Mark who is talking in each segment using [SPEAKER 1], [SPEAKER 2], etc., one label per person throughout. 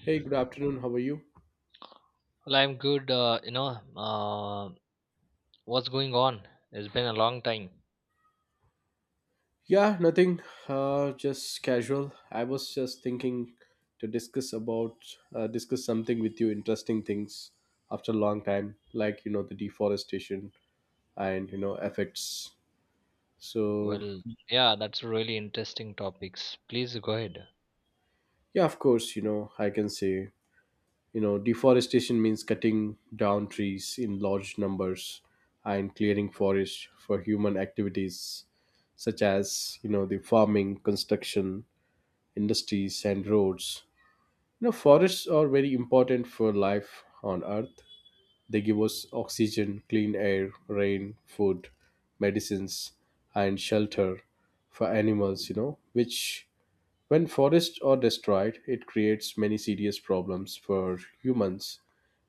[SPEAKER 1] Hey, good afternoon. How are you?
[SPEAKER 2] Well, I'm good. Uh, what's going on? It's been a long time.
[SPEAKER 1] Yeah, nothing. Just casual. I was just thinking to discuss about discuss something with you. Interesting things after a long time, like you know the deforestation and you know effects. So
[SPEAKER 2] Well, yeah, that's really interesting topics. Please go ahead.
[SPEAKER 1] yeah, of course, you know I can say you know deforestation means cutting down trees in large numbers and clearing forest for human activities such as you know the farming, construction, industries, and roads. You know, forests are very important for life on Earth. They give us oxygen, clean air, rain, food, medicines, and shelter for animals, you know, which when forests are destroyed, it creates many serious problems for humans,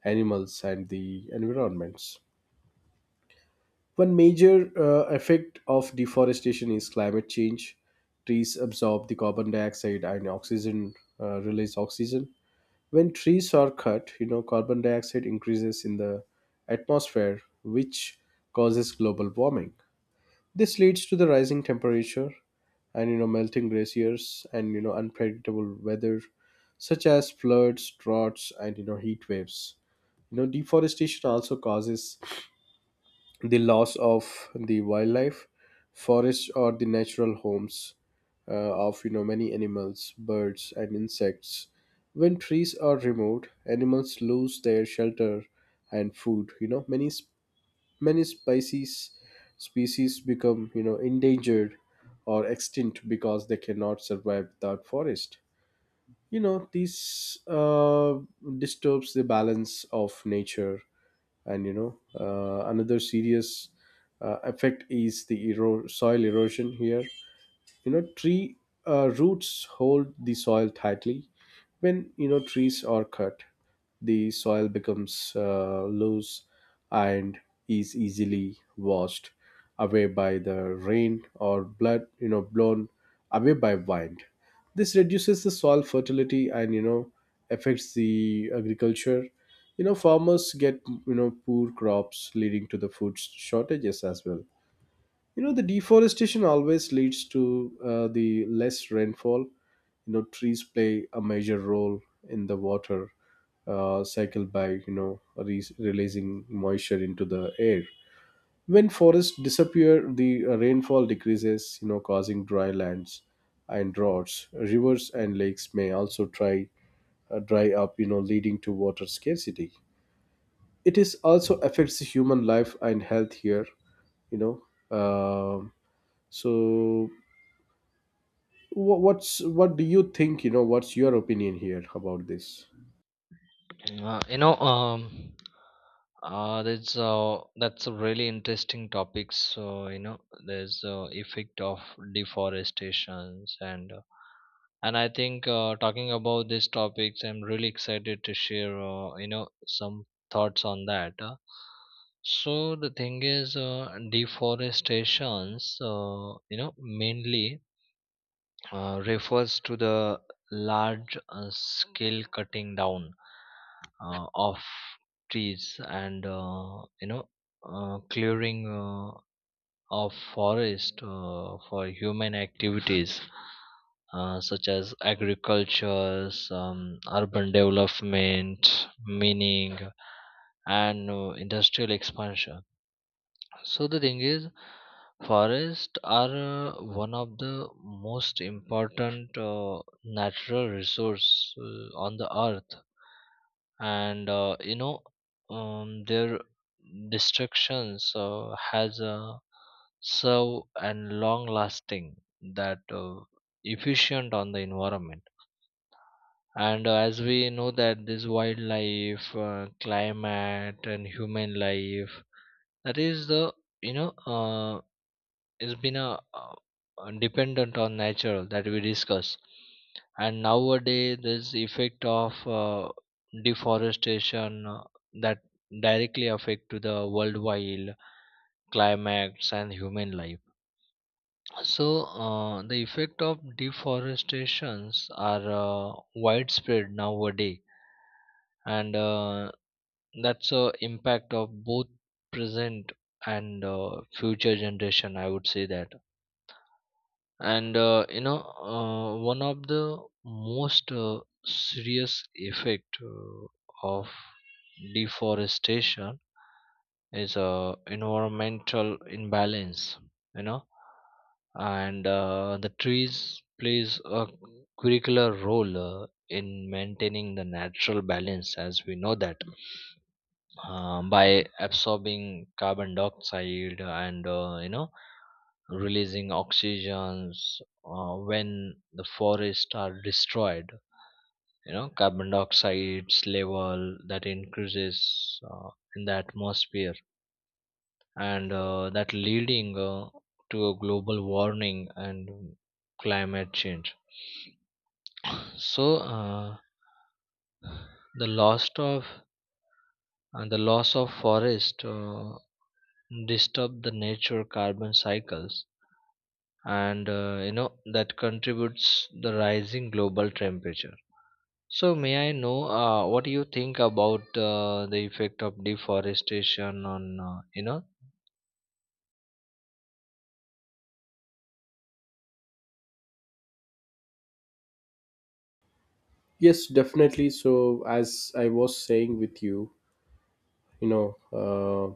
[SPEAKER 1] animals, and the environments. One major effect of deforestation is climate change. Trees absorb the carbon dioxide and oxygen, release oxygen when trees are cut, you know, carbon dioxide increases in the atmosphere, which causes global warming. This leads to the rising temperature and you know melting glaciers and you know unpredictable weather such as floods, droughts and you know heat waves. You know deforestation also causes the loss of the wildlife. Forests are the natural homes of you know many animals, birds and insects. When trees are removed, animals lose their shelter and food. You know many species become you know endangered or extinct because they cannot survive without forest. You know, this disturbs the balance of nature, and you know, another serious effect is the soil erosion here. You know tree roots hold the soil tightly. When you know trees are cut, the soil becomes loose and is easily washed away by the rain or blood, you know, blown away by wind. This reduces the soil fertility and you know affects the agriculture. You know farmers get you know poor crops leading to the food shortages as well. You know the deforestation always leads to the less rainfall. You know trees play a major role in the water cycle by you know releasing moisture into the air. When forests disappear the rainfall decreases, you know, causing dry lands and droughts. Rivers and lakes may also try dry up, you know, leading to water scarcity. It is also affects human life and health here, you know. Um so wha- what's what do you think, you know, what's your opinion here about this?
[SPEAKER 2] You know, there's That's a really interesting topic. So you know, there's Effect of deforestations, and I think talking about these topics, I'm really excited to share you know, some thoughts on that. So the thing is, deforestations, you know, mainly refers to the large scale cutting down of trees and clearing of forest for human activities such as agriculture, urban development, mining, and industrial expansion. So the thing is, forests are one of the most important natural resource on the earth, and their destructions has a so and long lasting that efficient on the environment. And as we know that this wildlife, climate, and human life, that is the you know uh, it's been a dependent on natural that we discuss. And nowadays this effect of deforestation that directly affect to the worldwide climates and human life. So the effect of deforestations are widespread nowadays, and that's a impact of both present and future generation, I would say that. And one of the most serious effect of deforestation is environmental imbalance, you know. And the trees plays a curricular role in maintaining the natural balance, as we know that, by absorbing carbon dioxide and releasing oxygens when the forests are destroyed. You know, carbon dioxide's level that increases in the atmosphere, and that leading to a global warming and climate change. So the loss of and the loss of forest disturb the nature carbon cycles, and you know that contributes the rising global temperature. So may I know what do you think about the effect of deforestation on, you know?
[SPEAKER 1] Yes, definitely. So as I was saying with you, you know,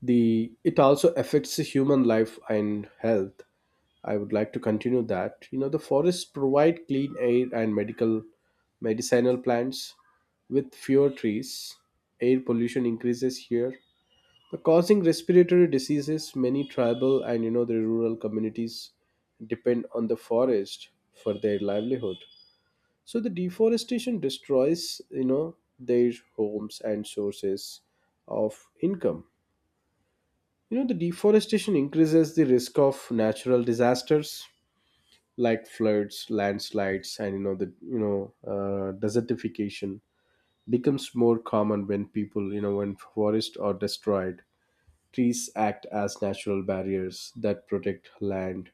[SPEAKER 1] the it also affects the human life and health. I would like to continue that. You know, the forests provide clean air and medical medicinal plants with fewer trees. Air pollution increases here causing respiratory diseases. Many tribal and you know the rural communities depend on the forest for their livelihood. So the deforestation destroys you know their homes and sources of income. You know the deforestation increases the risk of natural disasters like floods, landslides and you know the you know desertification becomes more common when people you know when forests are destroyed. Trees act as natural barriers that protect land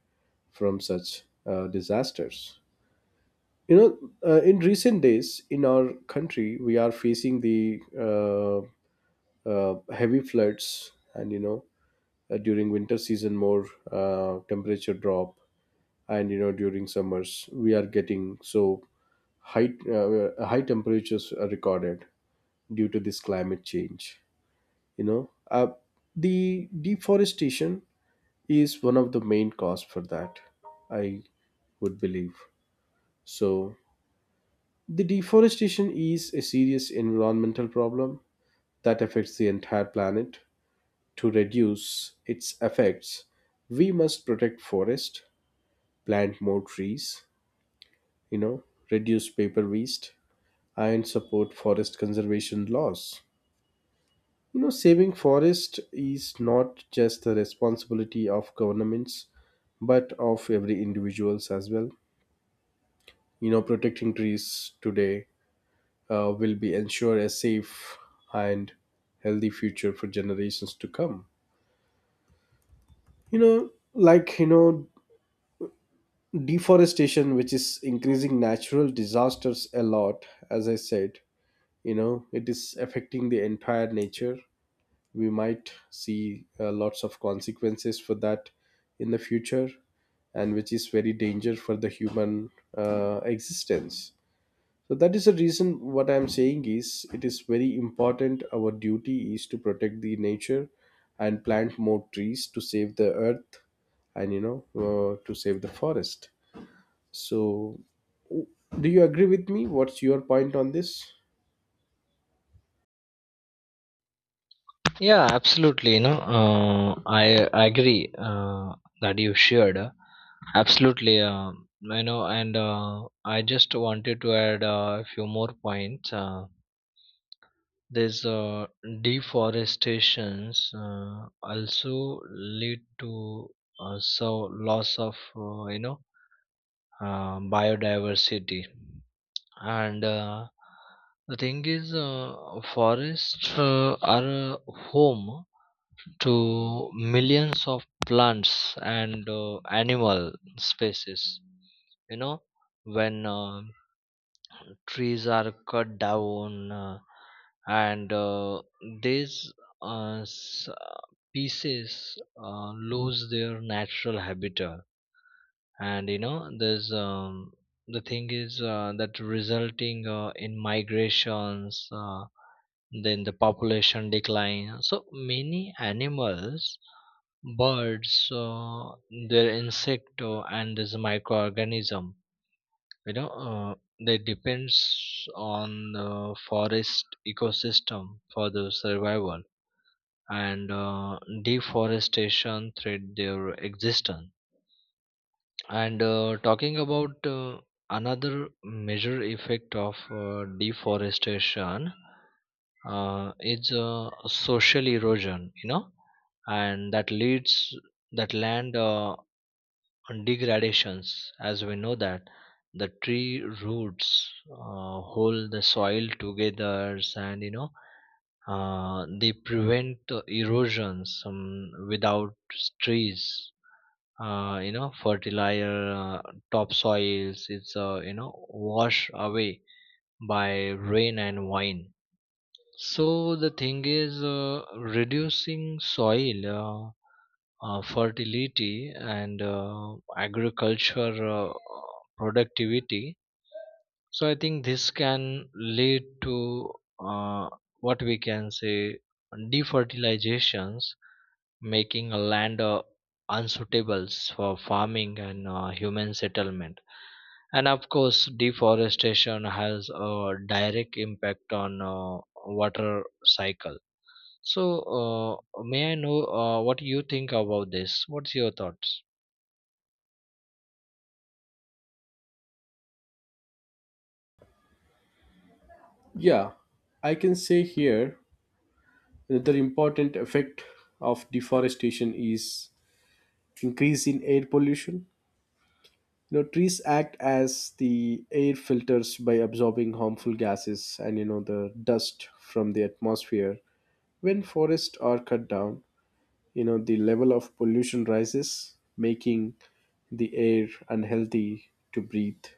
[SPEAKER 1] from such disasters. You know, in recent days in our country, we are facing the heavy floods, and you know, during winter season, more temperature drop, and you know, during summers, we are getting so high temperatures are recorded due to this climate change. You know, the deforestation is one of the main cause for that, I would believe. So the deforestation is a serious environmental problem that affects the entire planet. To reduce its effects we must protect forest, plant more trees, you know, reduce paper waste, and support forest conservation laws. You know saving forest is not just the responsibility of governments but of every individuals as well. You know protecting trees today will be ensure a safe and healthy future for generations to come, you know. Like you know deforestation which is increasing natural disasters a lot as I said, you know it is affecting the entire nature. We might see lots of consequences for that in the future, and which is very danger for the human existence. So that is the reason what I'm saying is it is very important. Our duty is to protect the nature and plant more trees to save the earth and you know to save the forest. So do you agree with me? What's your point on this?
[SPEAKER 2] Yeah, absolutely. You know, I agree uh, that you shared, absolutely. You know and I just wanted to add a few more points. This deforestations also lead to loss of biodiversity. And The thing is, forests are a home to millions of plants and animal species, you know. When trees are cut down, and uh, these uh, s- uh, pieces lose their natural habitat. And you know there's The thing is that resulting in migrations, then the population decline. So many animals, birds, their insect, and this microorganism, you know uh, that depends on the forest ecosystem for the survival. And deforestation threat their existence. And talking about another major effect of deforestation, is social erosion, you know, and that leads that land degradations. As we know that the tree roots hold the soil together, and they prevent the erosions. Without trees, fertilizer, topsoils, it's washed away by rain and wine. So the thing is, reducing soil fertility and agriculture productivity. So I think this can lead to uh, what we can say defertilizations, making a land unsuitable for farming and human settlement. And of course, deforestation has a direct impact on water cycle. So, may I know what you think about this? What's your thoughts?
[SPEAKER 1] Yeah, I can say here another important effect of deforestation is increase in air pollution. You know trees act as the air filters by absorbing harmful gases and you know the dust from the atmosphere. When forests are cut down, you know the level of pollution rises making the air unhealthy to breathe.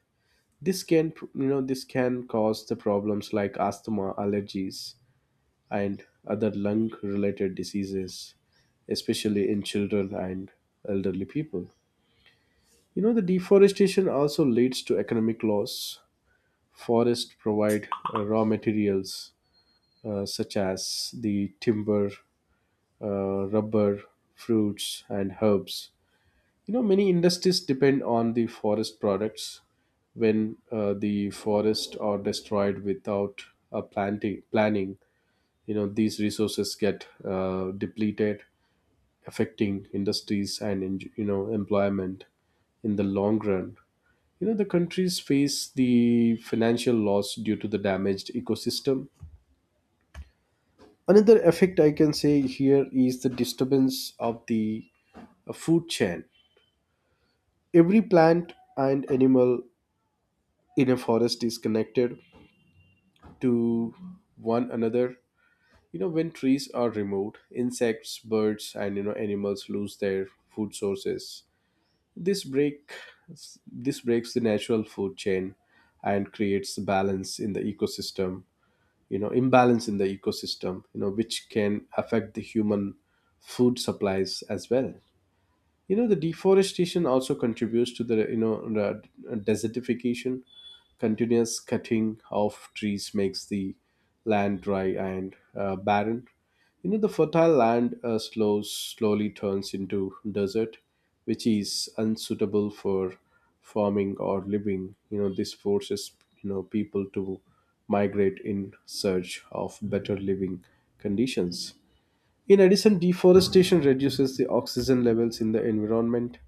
[SPEAKER 1] This can cause the problems like asthma, allergies and other lung related diseases especially in children and elderly people. You know, the deforestation also leads to economic loss. Forests provide raw materials such as the timber, rubber, fruits, and herbs. You know, many industries depend on the forest products. When the forests are destroyed without planning, you know, these resources get depleted, affecting industries and you know employment in the long run. You know, the countries face the financial loss due to the damaged ecosystem. Another effect I can say here is the disturbance of the food chain. Every plant and animal in a forest is connected to one another. You know, when trees are removed, insects, birds, and you know animals lose their food sources. This break this breaks the natural food chain and creates balance in the ecosystem, you know, imbalance in the ecosystem, you know, which can affect the human food supplies as well. You know the deforestation also contributes to the you know the desertification. Continuous cutting of trees makes the land dry and barren. You know the fertile land slows slowly turns into desert, which is unsuitable for farming or living. You know this forces you know people to migrate in search of better living conditions. In addition, deforestation reduces the oxygen levels in the environment.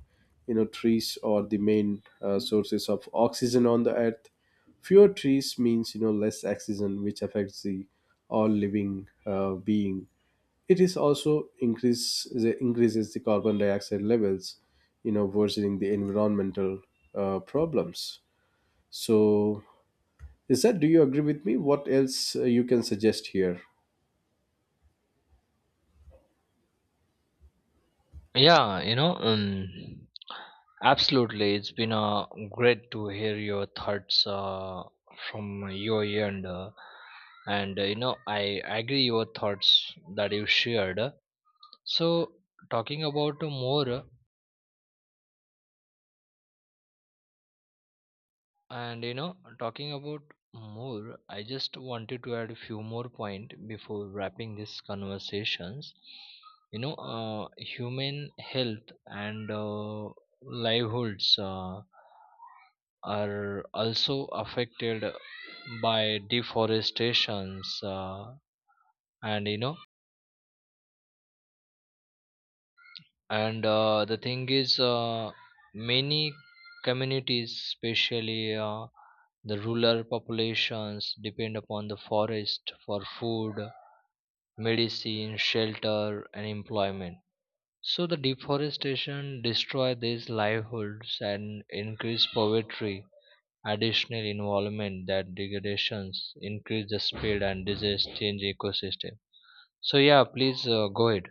[SPEAKER 1] You know, trees are the main sources of oxygen on the earth. Fewer trees means you know less oxygen, which affects the all living being. It is also increase the, increases the carbon dioxide levels. You know, worsening the environmental problems. So, is that? Do you agree with me? What else you can suggest here?
[SPEAKER 2] Yeah, you know, absolutely. It's been great to hear your thoughts from your end, and you know, I agree your thoughts that you shared. So, talking about more, and you know, talking about I just wanted to add a few more point before wrapping these conversations. You know, human health and livelihoods are also affected by deforestations, and you know and the thing is, many communities, especially the rural populations, depend upon the forest for food, medicine, shelter, and employment. So the deforestation destroy these livelihoods and increase poverty. Additional involvement that degradations increase the speed and disease change ecosystem. So yeah, please go ahead.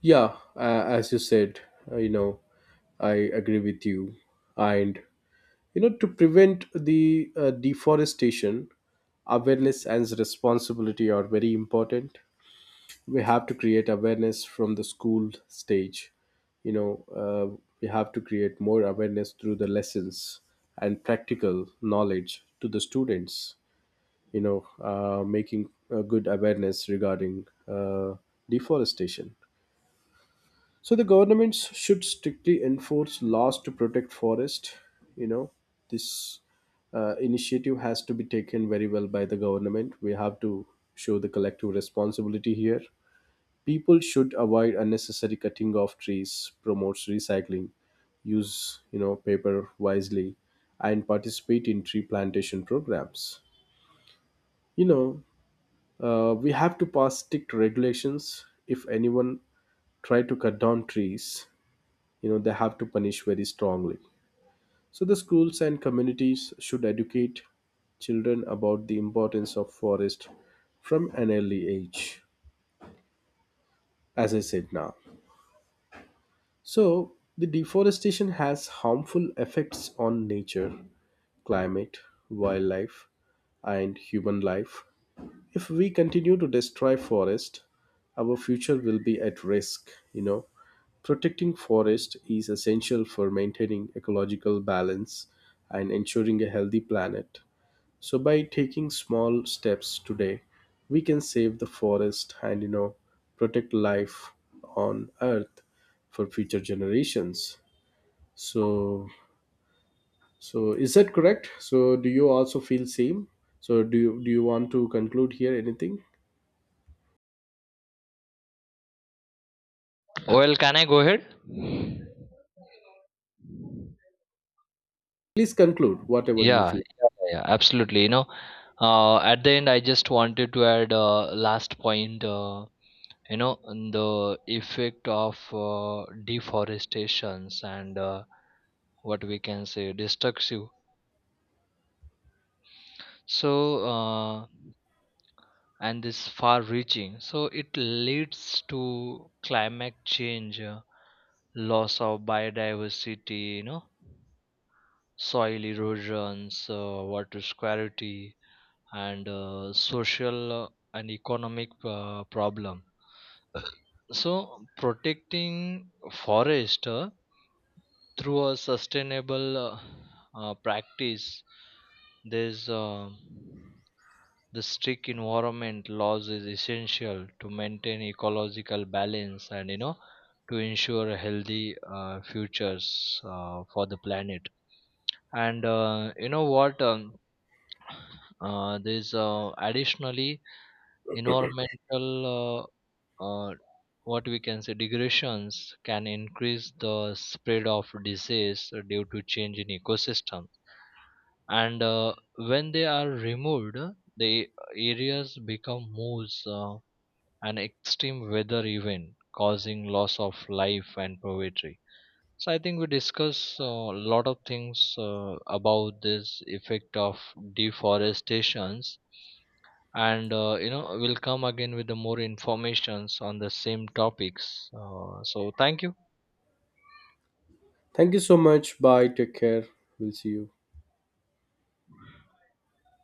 [SPEAKER 1] Yeah, as you said, you know, I agree with you. And, you know, to prevent the deforestation, awareness and responsibility are very important. We have to create awareness from the school stage. You know, we have to create more awareness through the lessons and practical knowledge to the students. You know, making a good awareness regarding deforestation. So the governments should strictly enforce laws to protect forest. You know, this initiative has to be taken very well by the government. We have to show the collective responsibility here. People should avoid unnecessary cutting of trees, promotes recycling, use you know paper wisely, and participate in tree plantation programs. You know, we have to pass strict regulations. If anyone try to cut down trees, you know they have to punish very strongly. So the schools and communities should educate children about the importance of forest from an early age as I said now. So the deforestation has harmful effects on nature, climate, wildlife and human life. If we continue to destroy forest, our future will be at risk, you know. Protecting forest is essential for maintaining ecological balance and ensuring a healthy planet. So by taking small steps today, we can save the forest and you know protect life on earth for future generations. So so is that correct? So do you also feel same? So do you want to conclude here anything?
[SPEAKER 2] Well, can I go ahead?
[SPEAKER 1] Please conclude whatever you
[SPEAKER 2] Yeah,
[SPEAKER 1] feel.
[SPEAKER 2] yeah, yeah, absolutely. You know, at the end, I just wanted to add last point. You know, on the effect of deforestations and what we can say destructive. So. And this far reaching, so it leads to climate change, loss of biodiversity, you know, soil erosions, water scarcity, and social and economic problem. So protecting forest through a sustainable practice, there's uh, the strict environment laws is essential to maintain ecological balance, and to ensure healthy futures for the planet. And you know what? There's additionally environmental uh, uh, what we can say degradations can increase the spread of disease due to change in ecosystem. And when they are removed, the areas become moors and extreme weather event causing loss of life and poetry. So I think we discuss a lot of things about this effect of deforestations, and you know, we'll come again with the more informations on the same topics. So thank you.
[SPEAKER 1] Thank you so much. Bye. Take care. We'll see you.